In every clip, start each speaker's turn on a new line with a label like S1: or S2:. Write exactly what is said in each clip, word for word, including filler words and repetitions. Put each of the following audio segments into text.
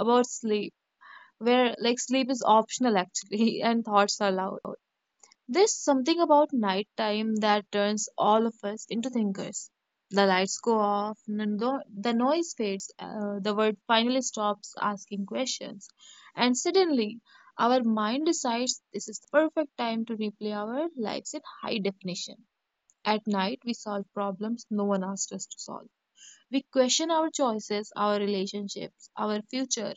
S1: about sleep, where like sleep is optional actually, and thoughts are allowed. There's something about nighttime that turns all of us into thinkers. The lights go off, n- no- the noise fades, uh, the world finally stops asking questions, and suddenly our mind decides this is the perfect time to replay our lives in high definition. At night, we solve problems no one asked us to solve. We question our choices, our relationships, our future.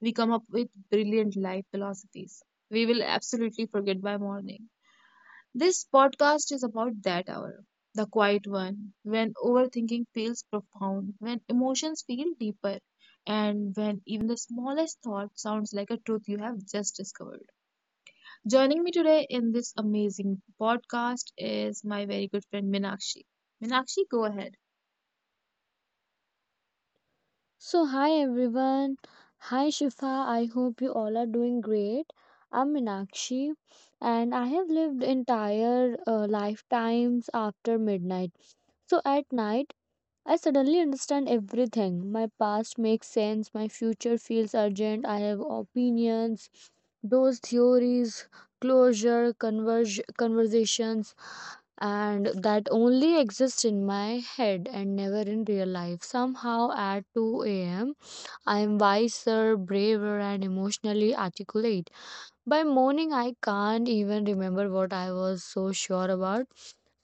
S1: We come up with brilliant life philosophies. We will absolutely forget by morning. This podcast is about that hour, the quiet one, when overthinking feels profound, when emotions feel deeper, and when even the smallest thought sounds like a truth you have just discovered. Joining me today in this amazing podcast is my very good friend Minakshi. Minakshi, go ahead.
S2: So, hi everyone. Hi Shifa. I hope you all are doing great. I'm Minakshi and I have lived entire uh, lifetimes after midnight. So, at night, I suddenly understand everything. My past makes sense, my future feels urgent, I have opinions, those theories, closure, converge, conversations, and that only exist in my head and never in real life. Somehow, at two a m, I am wiser, braver, and emotionally articulate. By morning, I can't even remember what I was so sure about.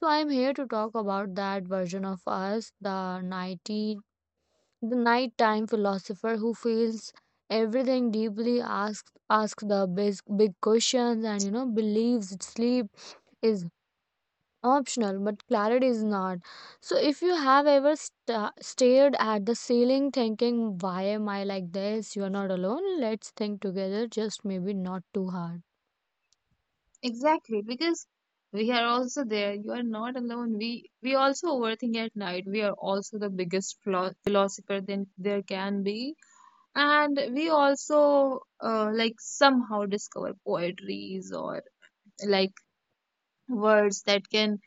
S2: So, I am here to talk about that version of us, the nighty, the nighttime philosopher who feels everything deeply, asks asks the big, big questions, and you know believes sleep is optional but clarity is not. So if you have ever sta stared at the ceiling thinking why am I like this, you are not alone. Let's think together, just maybe not too hard.
S1: Exactly, because we are also there. You are not alone. We we also overthink at night. We are also the biggest philo- philosopher than there can be, and we also uh, like somehow discover poetries or like words that can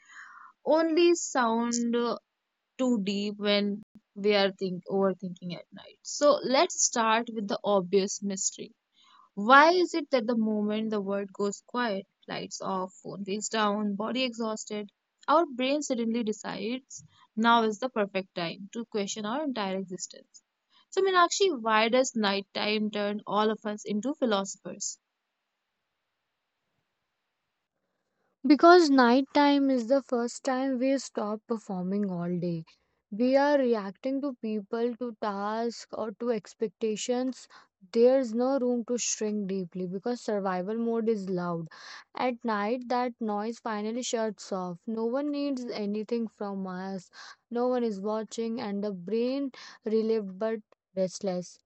S1: only sound uh, too deep when we are think overthinking at night. So let's start with the obvious mystery: why is it that the moment the world goes quiet, lights off, phone face down, body exhausted, our brain suddenly decides now is the perfect time to question our entire existence? So, Meenakshi, why does nighttime turn all of us into philosophers?
S2: Because nighttime is the first time we stop performing all day. We are reacting to people, to tasks, or to expectations. There's no room to shrink deeply because survival mode is loud. At night, that noise finally shuts off. No one needs anything from us, no one is watching, and the brain, relieved but restless,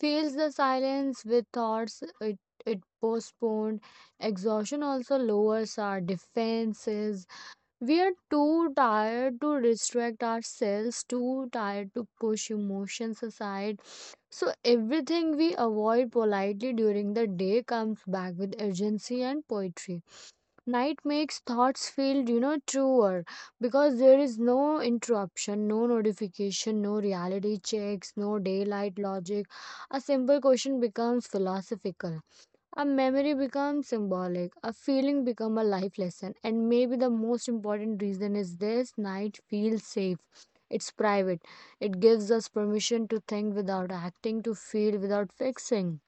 S2: fills the silence with thoughts it, it postponed. Exhaustion also lowers our defenses. We are too tired to restrict ourselves, too tired to push emotions aside. So everything we avoid politely during the day comes back with urgency and poetry. Night makes thoughts feel you know truer because there is no interruption, no notification, no reality checks, no daylight logic. A simple question becomes philosophical, a memory becomes symbolic, a feeling becomes a life lesson. And maybe the most important reason is this: night feels safe, it's private. It gives us permission to think without acting, to feel without fixing.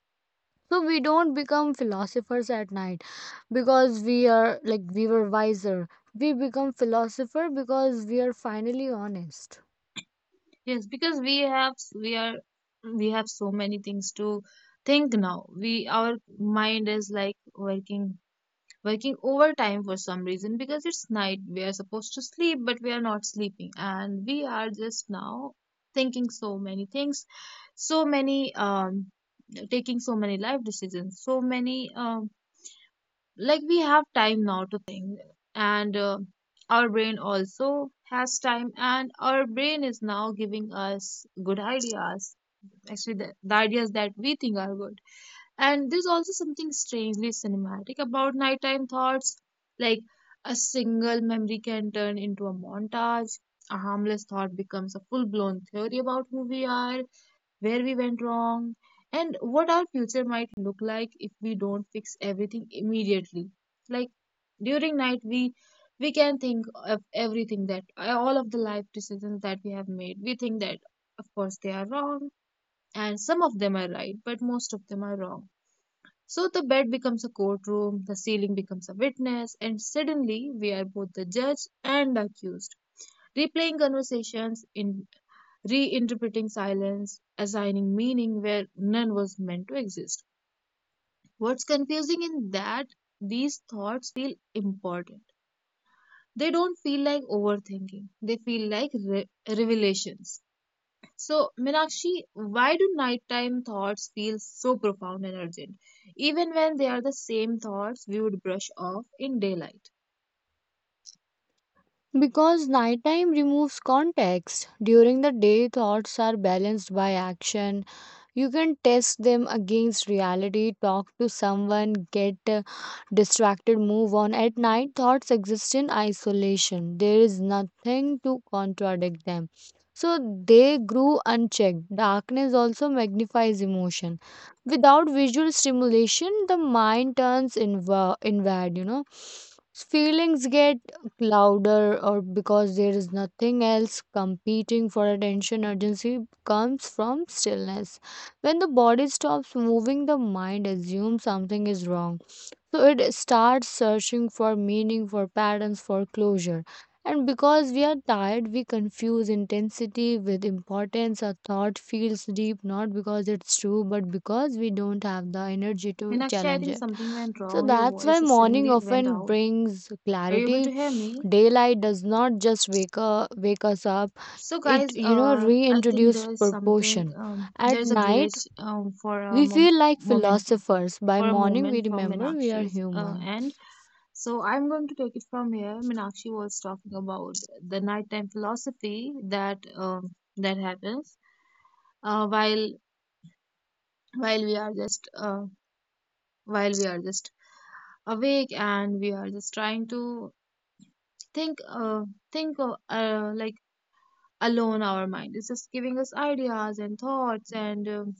S2: So we don't become philosophers at night because we are like we were wiser, we become philosopher because we are finally honest.
S1: Yes, because we have we are we have so many things to think now. We, our mind is like working working overtime for some reason, because it's night, we are supposed to sleep, but we are not sleeping, and we are just now thinking so many things, so many um taking so many life decisions, so many um like we have time now to think, and uh, our brain also has time, and our brain is now giving us good ideas, actually the, the ideas that we think are good. And there's also something strangely cinematic about nighttime thoughts. Like a single memory can turn into a montage. A harmless thought becomes a full blown theory about who we are, where we went wrong, and what our future might look like if we don't fix everything immediately. Like during night, we we can think of everything, that all of the life decisions that we have made. We think that, of course, they are wrong, and some of them are right, but most of them are wrong. So the bed becomes a courtroom, the ceiling becomes a witness, and suddenly we are both the judge and accused, replaying conversations, in reinterpreting silence, assigning meaning where none was meant to exist. What's confusing in that these thoughts feel important. They don't feel like overthinking. They feel like re- revelations. So, Meenakshi, why do nighttime thoughts feel so profound and urgent, even when they are the same thoughts we would brush off in daylight?
S2: Because nighttime removes context. During the day, thoughts are balanced by action. You can test them against reality, talk to someone, get uh, distracted, move on. At night, thoughts exist in isolation. There is nothing to contradict them. So they grew unchecked. Darkness also magnifies emotion. Without visual stimulation, the mind turns inward, inward, you know. Feelings get louder, or because there is nothing else competing for attention. Urgency comes from stillness. When the body stops moving, the mind assumes something is wrong, so it starts searching for meaning, for patterns, for closure. And because we are tired, we confuse intensity with importance. A thought feels deep not because it's true but because we don't have the energy to
S1: Meenakshi, I
S2: challenge
S1: think
S2: it.
S1: something went
S2: So
S1: wrong. Your
S2: that's why
S1: voice has
S2: morning
S1: suddenly went
S2: often
S1: out.
S2: brings
S1: Are you able
S2: clarity.
S1: to hear me?
S2: Daylight does not just wake up, wake us up.
S1: So,
S2: It
S1: guys,
S2: you know
S1: uh, I think
S2: reintroduce
S1: there is something.
S2: proportion.
S1: Um, there
S2: At
S1: is a
S2: night
S1: glitch um, for a
S2: we
S1: mom-
S2: feel like
S1: moment.
S2: philosophers. By
S1: For a
S2: morning we
S1: moment from
S2: remember we are
S1: Meenakshi's uh,
S2: human.
S1: end. So I'm going to take it from here. Meenakshi was talking about the nighttime philosophy that um, that happens, uh, while while we are just uh, while we are just awake and we are just trying to think, uh, think uh, uh, like alone, our mind is just giving us ideas and thoughts, and um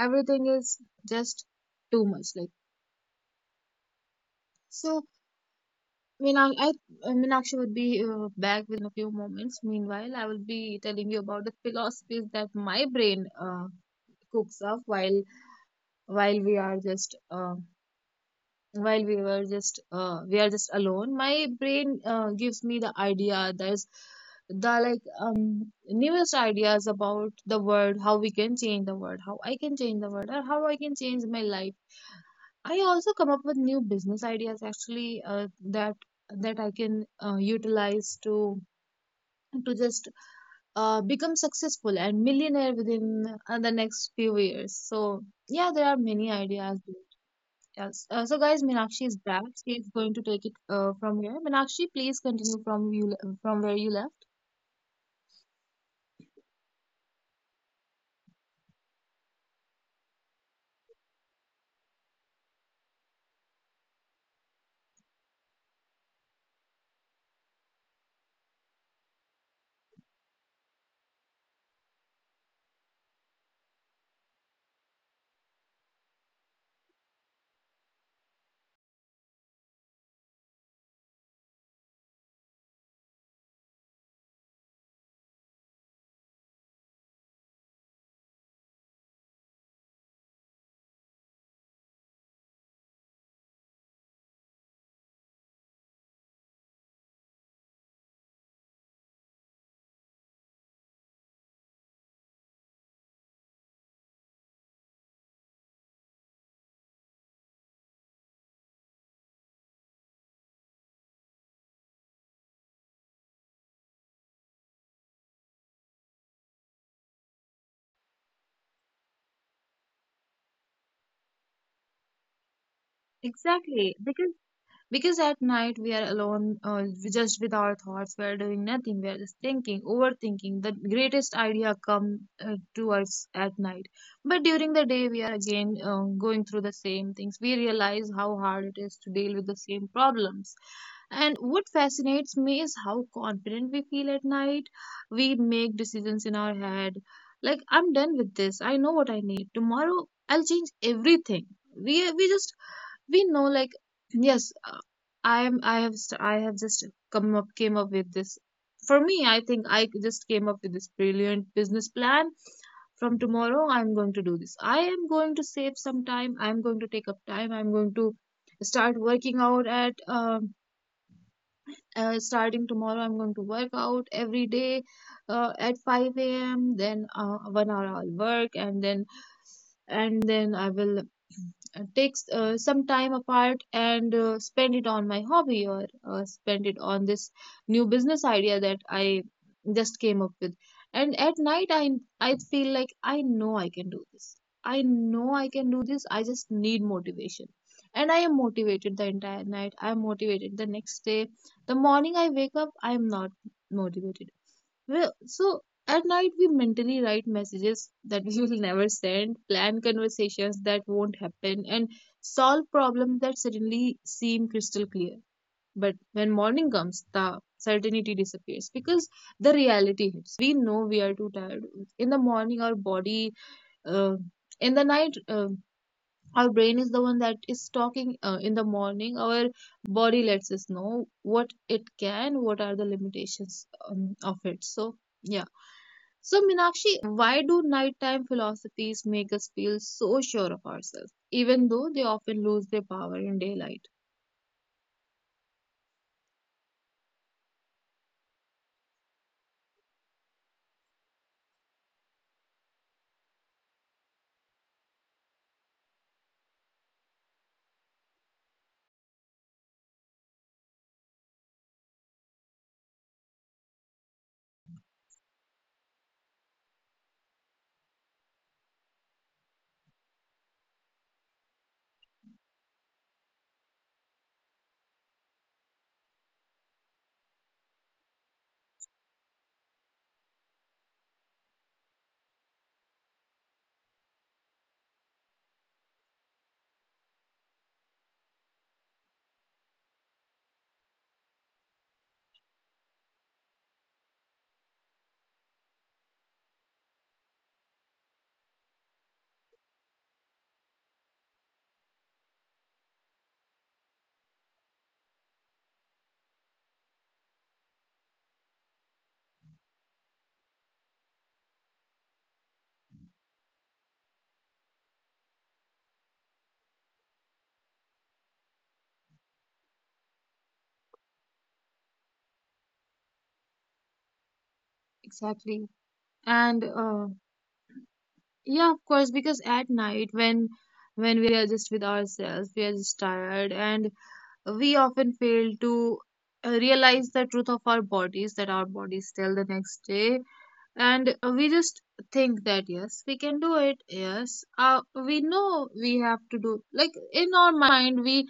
S1: everything is just too much. Like, so Meenak- I, uh, Meenakshi would be uh, back within a few moments. Meanwhile, I will be telling you about the philosophies that my brain uh, cooks up while while we are just uh. while we were just uh, we are just alone, my brain uh, gives me the idea, there's the like um newest ideas about the world, how we can change the world, how I can change the world, or how I can change my life. I also come up with new business ideas, actually, uh, that that I can uh, utilize to to just uh, become successful and millionaire within uh, the next few years. So yeah, there are many ideas. Yes. Uh, so, guys, Meenakshi is back. She is going to take it uh, from here. Meenakshi, please continue from you le- from where you left. Exactly, because because at night we are alone, uh, we just with our thoughts, we are doing nothing, we are just thinking, overthinking. The greatest idea come uh, to us at night, but during the day we are again uh, going through the same things, we realize how hard it is to deal with the same problems. And what fascinates me is how confident we feel at night. We make decisions in our head like, I'm done with this, I know what I need, tomorrow I'll change everything. We we just we know like, yes, uh, I am, i have st- I have just come up came up with this for me. I think I just came up with this brilliant business plan. From tomorrow, I'm going to do this, I am going to save some time, I'm going to take up time, I'm going to start working out at um, uh, starting tomorrow, I'm going to work out every day uh, at five a m a.m, then uh, one hour I'll work, and then and then I will uh, take uh, some time apart, and uh, spend it on my hobby, or uh, spend it on this new business idea that I just came up with. And at night i i feel like I know I can do this, I know I can do this, I just need motivation, and I am motivated the entire night, I am motivated. The next day, the morning I wake up, I am not motivated. Well, so at night we mentally write messages that we will never send, plan conversations that won't happen, and solve problems that suddenly seem crystal clear. But when morning comes, the certainty disappears because the reality hits. We know we are too tired. In the morning, our body, uh, in the night, uh, our brain is the one that is talking. Uh, in the morning our body lets us know what it can, what are the limitations um, of it. So yeah, so Minakshi, why do nighttime philosophies make us feel so sure of ourselves, even though they often lose their power in daylight? Exactly. And uh, yeah, of course, because at night when when we are just with ourselves, we are just tired, and we often fail to uh, realize the truth of our bodies that our bodies tell the next day. And uh, we just think that yes we can do it, yes uh, we know we have to do. Like in our mind we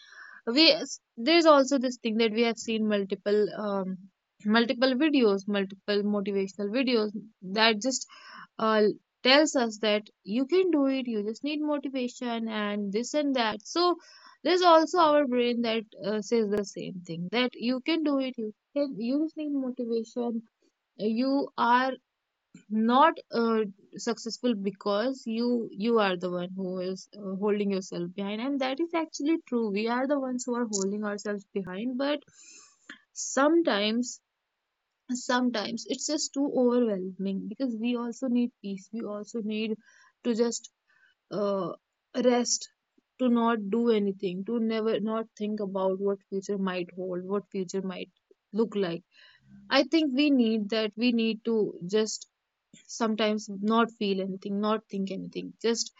S1: we there's also this thing that we have seen multiple um multiple videos, multiple motivational videos, that just uh, tells us that you can do it, you just need motivation and this and that. So there's also our brain that uh, says the same thing, that you can do it, you can, you just need motivation, you are not uh, successful because you you are the one who is uh, holding yourself behind. And that is actually true, we are the ones who are holding ourselves behind. But sometimes sometimes it's just too overwhelming, because we also need peace, we also need to just uh, rest, to not do anything, to never not think about what future might hold, what future might look like. I think we need that, we need to just sometimes not feel anything, not think anything, just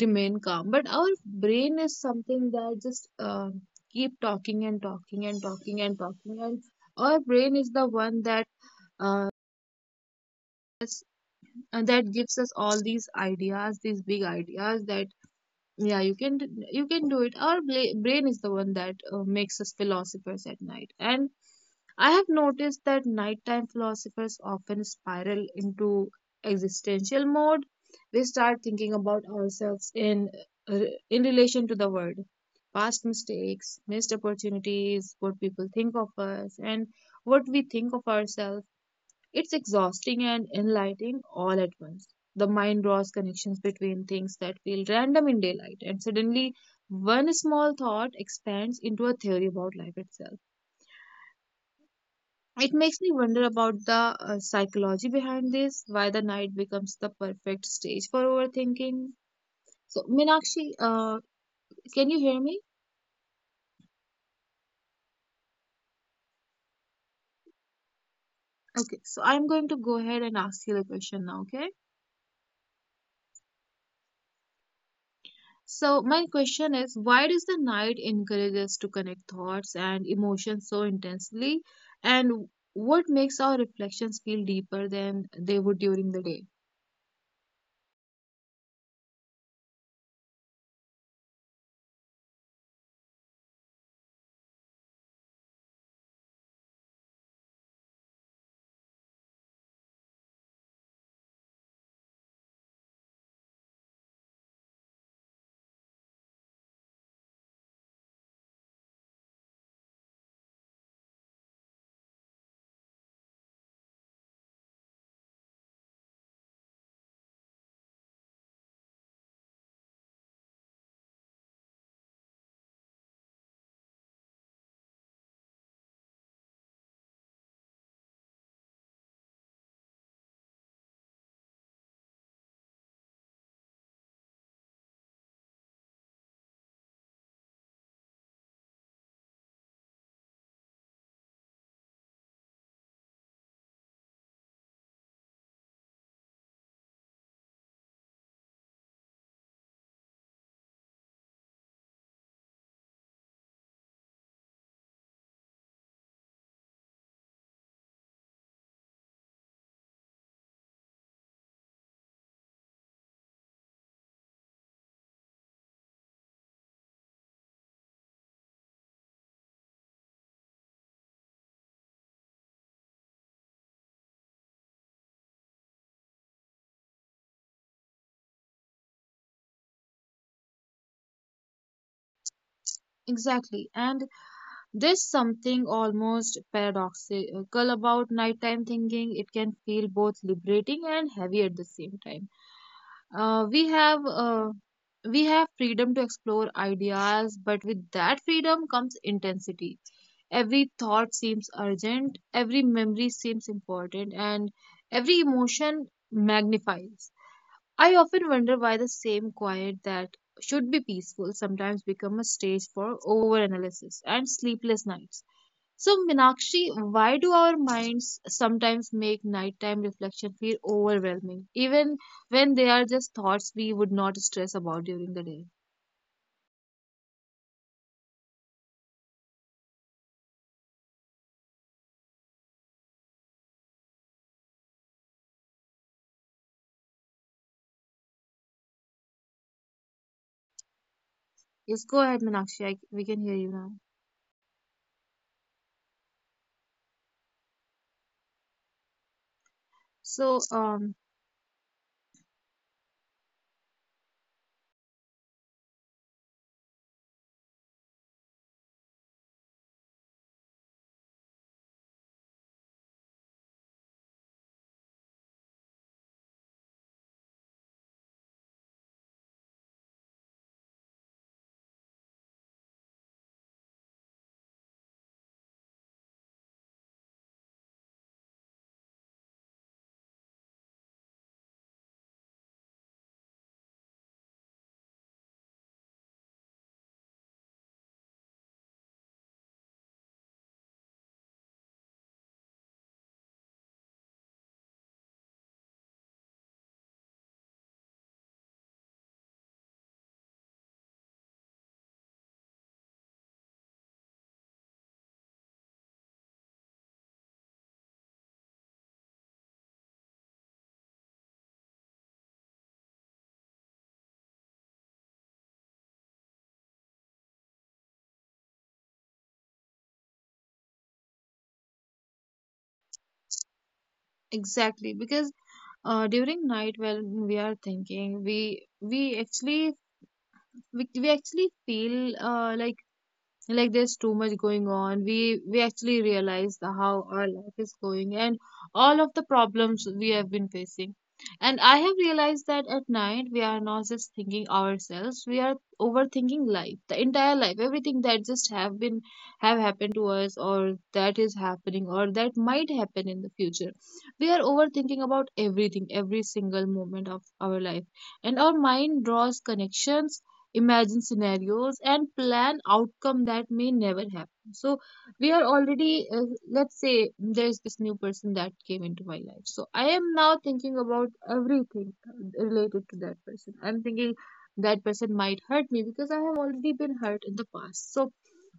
S1: remain calm. But our brain is something that just uh, keep talking and talking and talking and talking, and our brain is the one that uh, that gives us all these ideas, these big ideas that yeah you can d- you can do it. Our bla- brain is the one that uh, makes us philosophers at night. And I have noticed that nighttime philosophers often spiral into existential mode. We start thinking about ourselves in uh, in relation to the world, past mistakes, missed opportunities, what people think of us and what we think of ourselves. It's exhausting and enlightening all at once. The mind draws connections between things that feel random in daylight, and suddenly one small thought expands into a theory about life itself. It makes me wonder about the uh, psychology behind this, why the night becomes the perfect stage for overthinking. So, Minakshi, uh, can you hear me? Okay, so I'm going to go ahead and ask you the question now, okay? So, my question is why does the night encourage us to connect thoughts and emotions so intensely? And what makes our reflections feel deeper than they would during the day? Exactly. And there's something almost paradoxical about nighttime thinking. It can feel both liberating and heavy at the same time. Uh, we have. Uh, we have freedom to explore ideas, but with that freedom comes intensity. Every thought seems urgent, every memory seems important, and every emotion magnifies. I often wonder why the same quiet that should be peaceful sometimes becomes a stage for overanalysis and sleepless nights. So, Minakshi, why do our minds sometimes make nighttime reflection feel overwhelming, even when they are just thoughts we would not stress about during the day? Yes, go ahead, Minakshi. I, we can hear you now. So, um, exactly, because Uh, during night when we are thinking, we we actually we, we actually feel uh, like like there's too much going on. We we actually realize the, how our life is going and all of the problems we have been facing. And I have realized that at night we are not just thinking ourselves, we are overthinking life, the entire life, everything that just have been have happened to us or that is happening or that might happen in the future. We are overthinking about everything, every single moment of our life. And our mind draws connections, imagine scenarios and plan outcome that may never happen. So we are already, uh, let's say there's this new person that came into my life. So I am now thinking about everything related to that person. I'm thinking that person might hurt me because I have already been hurt in the past. So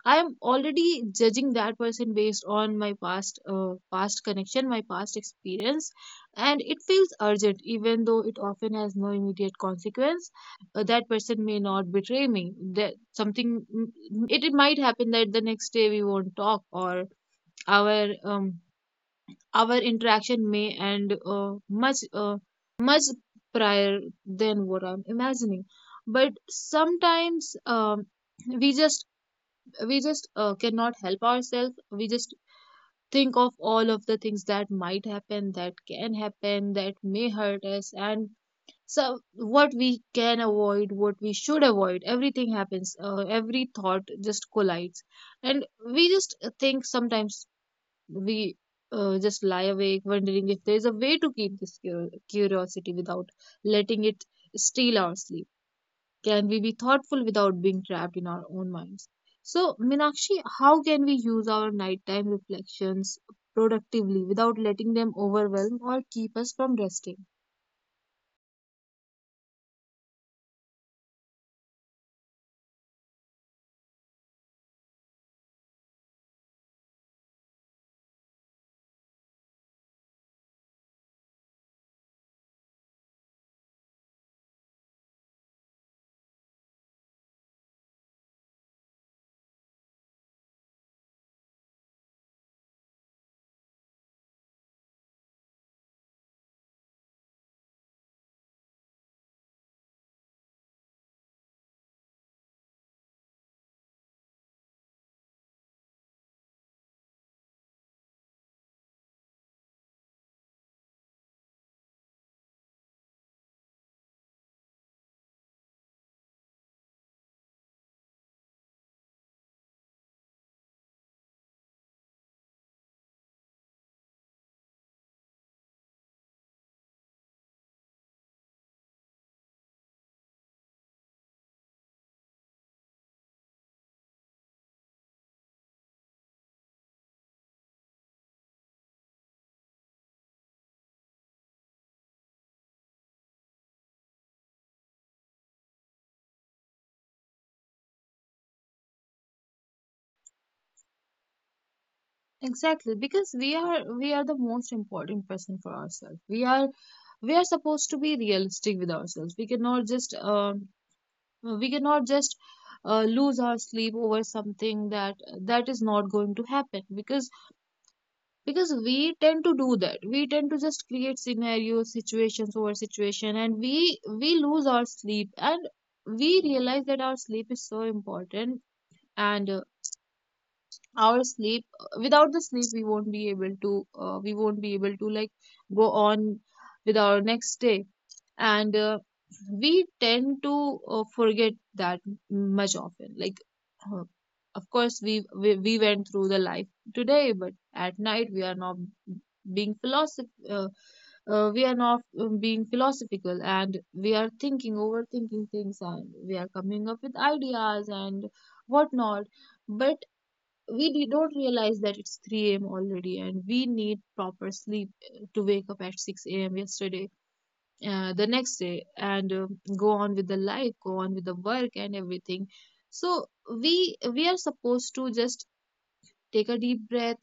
S1: I am already judging that person based on my past uh, past connection, my past experience, and it feels urgent even though it often has no immediate consequence. uh, that person may not betray me. That something mm, it, it might happen that the next day we won't talk, or our um, our interaction may end uh, much uh, much prior than what I'm imagining. But sometimes um, we just we just uh, cannot help ourselves. We just think of all of the things that might happen, that can happen, that may hurt us, and so what we can avoid, what we should avoid. Everything happens, uh, every thought just collides, and we just think. Sometimes we uh, just lie awake wondering if there is a way to keep this cur- curiosity without letting it steal our sleep. Can we be thoughtful without being trapped in our own minds? So, Minakshi, how can we use our nighttime reflections productively without letting them overwhelm or keep us from resting? Exactly, because we are we are the most important person for ourselves. We are we are supposed to be realistic with ourselves. We cannot just um we cannot just uh, lose our sleep over something that that is not going to happen, because because we tend to do that. We tend to just create scenarios, situations over situation, and we we lose our sleep. And we realize that our sleep is so important. And uh, our sleep, uh, without the sleep, we won't be able to uh, we won't be able to like go on with our next day. And uh, we tend to uh, forget that much often, like uh, of course we, we we went through the life today, but at night we are not being philosoph uh, uh, we are not um, being philosophical, and we are thinking overthinking things, and we are coming up with ideas and whatnot. But we do not realize that it's three a m already and we need proper sleep uh, to wake up at six a m yesterday, uh, the next day, and uh, go on with the life, go on with the work and everything. So we we are supposed to just take a deep breath,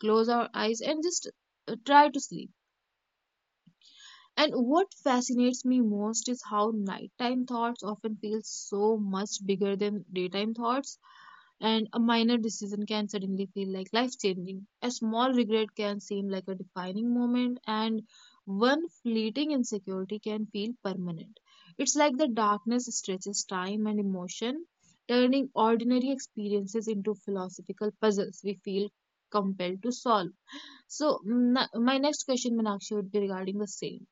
S1: close our eyes, and just uh, try to sleep. And what fascinates me most is how nighttime thoughts often feel so much bigger than daytime thoughts. And a minor decision can suddenly feel like life changing. A small regret can seem like a defining moment, and one fleeting insecurity can feel permanent. It's like the darkness stretches time and emotion, turning ordinary experiences into philosophical puzzles we feel compelled to solve. So, mm, my next question, Meenakshi, would be regarding the same.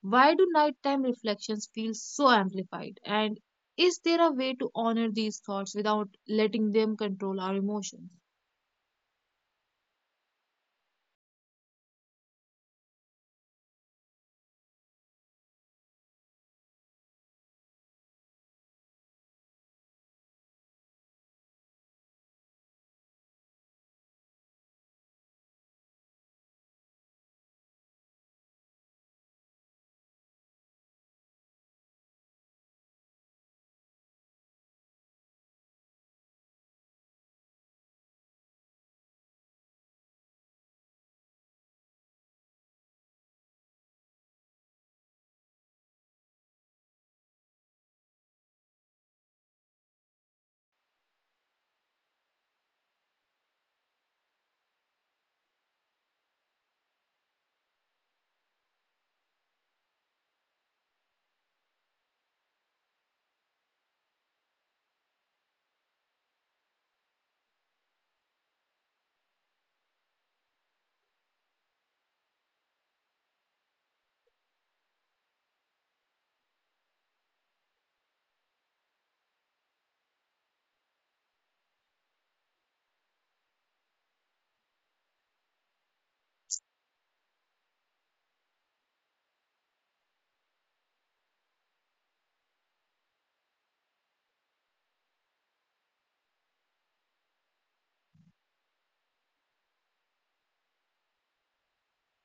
S1: Why do nighttime reflections feel so amplified? And is there a way to honor these thoughts without letting them control our emotions?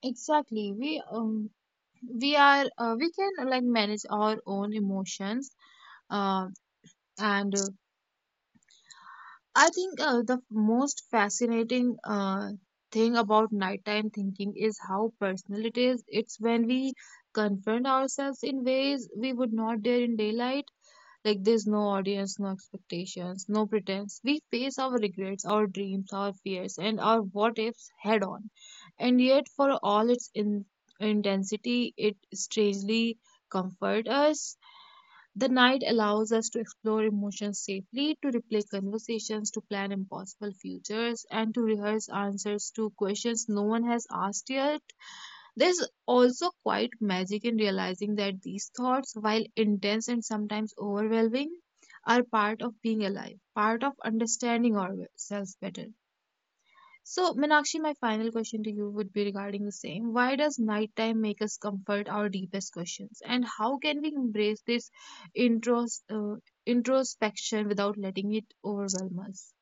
S1: Exactly. We um, we are uh, we can uh, like manage our own emotions uh, and uh, I think uh, the most fascinating uh, thing about nighttime thinking is how personal it is. It's when we confront ourselves in ways we would not dare in daylight. Like there's no audience, no expectations, no pretense. We face our regrets, our dreams, our fears, and our what ifs head on. And yet, for all its in- intensity, it strangely comforts us. The night allows us to explore emotions safely, to replay conversations, to plan impossible futures, and to rehearse answers to questions no one has asked yet. There's also quite magic in realizing that these thoughts, while intense and sometimes overwhelming, are part of being alive, part of understanding ourselves better. So, Meenakshi, my final question to you would be regarding the same. Why does nighttime make us comfort our deepest questions? And how can we embrace this intros, uh, introspection without letting it overwhelm us?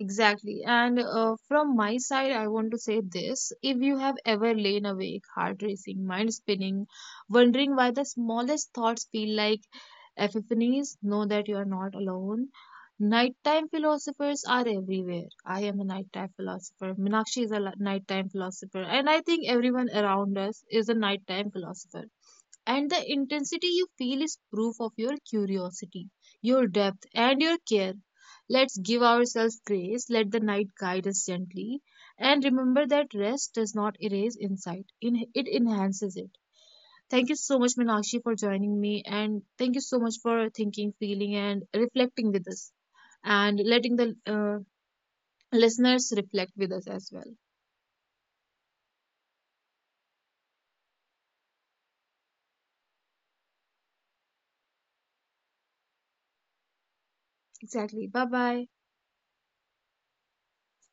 S1: Exactly. And uh, from my side, I want to say this. If you have ever lain awake, heart racing, mind spinning, wondering why the smallest thoughts feel like epiphanies, know that you are not alone. Nighttime philosophers are everywhere. I am a nighttime philosopher. Minakshi is a li- nighttime philosopher. And I think everyone around us is a nighttime philosopher, and the intensity you feel is proof of your curiosity, your depth, and your care. Let's give ourselves grace, let the night guide us gently, and remember that rest does not erase insight, in- it enhances it. Thank you so much, Minakshi, for joining me, and thank you so much for thinking, feeling, and reflecting with us, and letting the uh, listeners reflect with us as well. Exactly. Bye bye.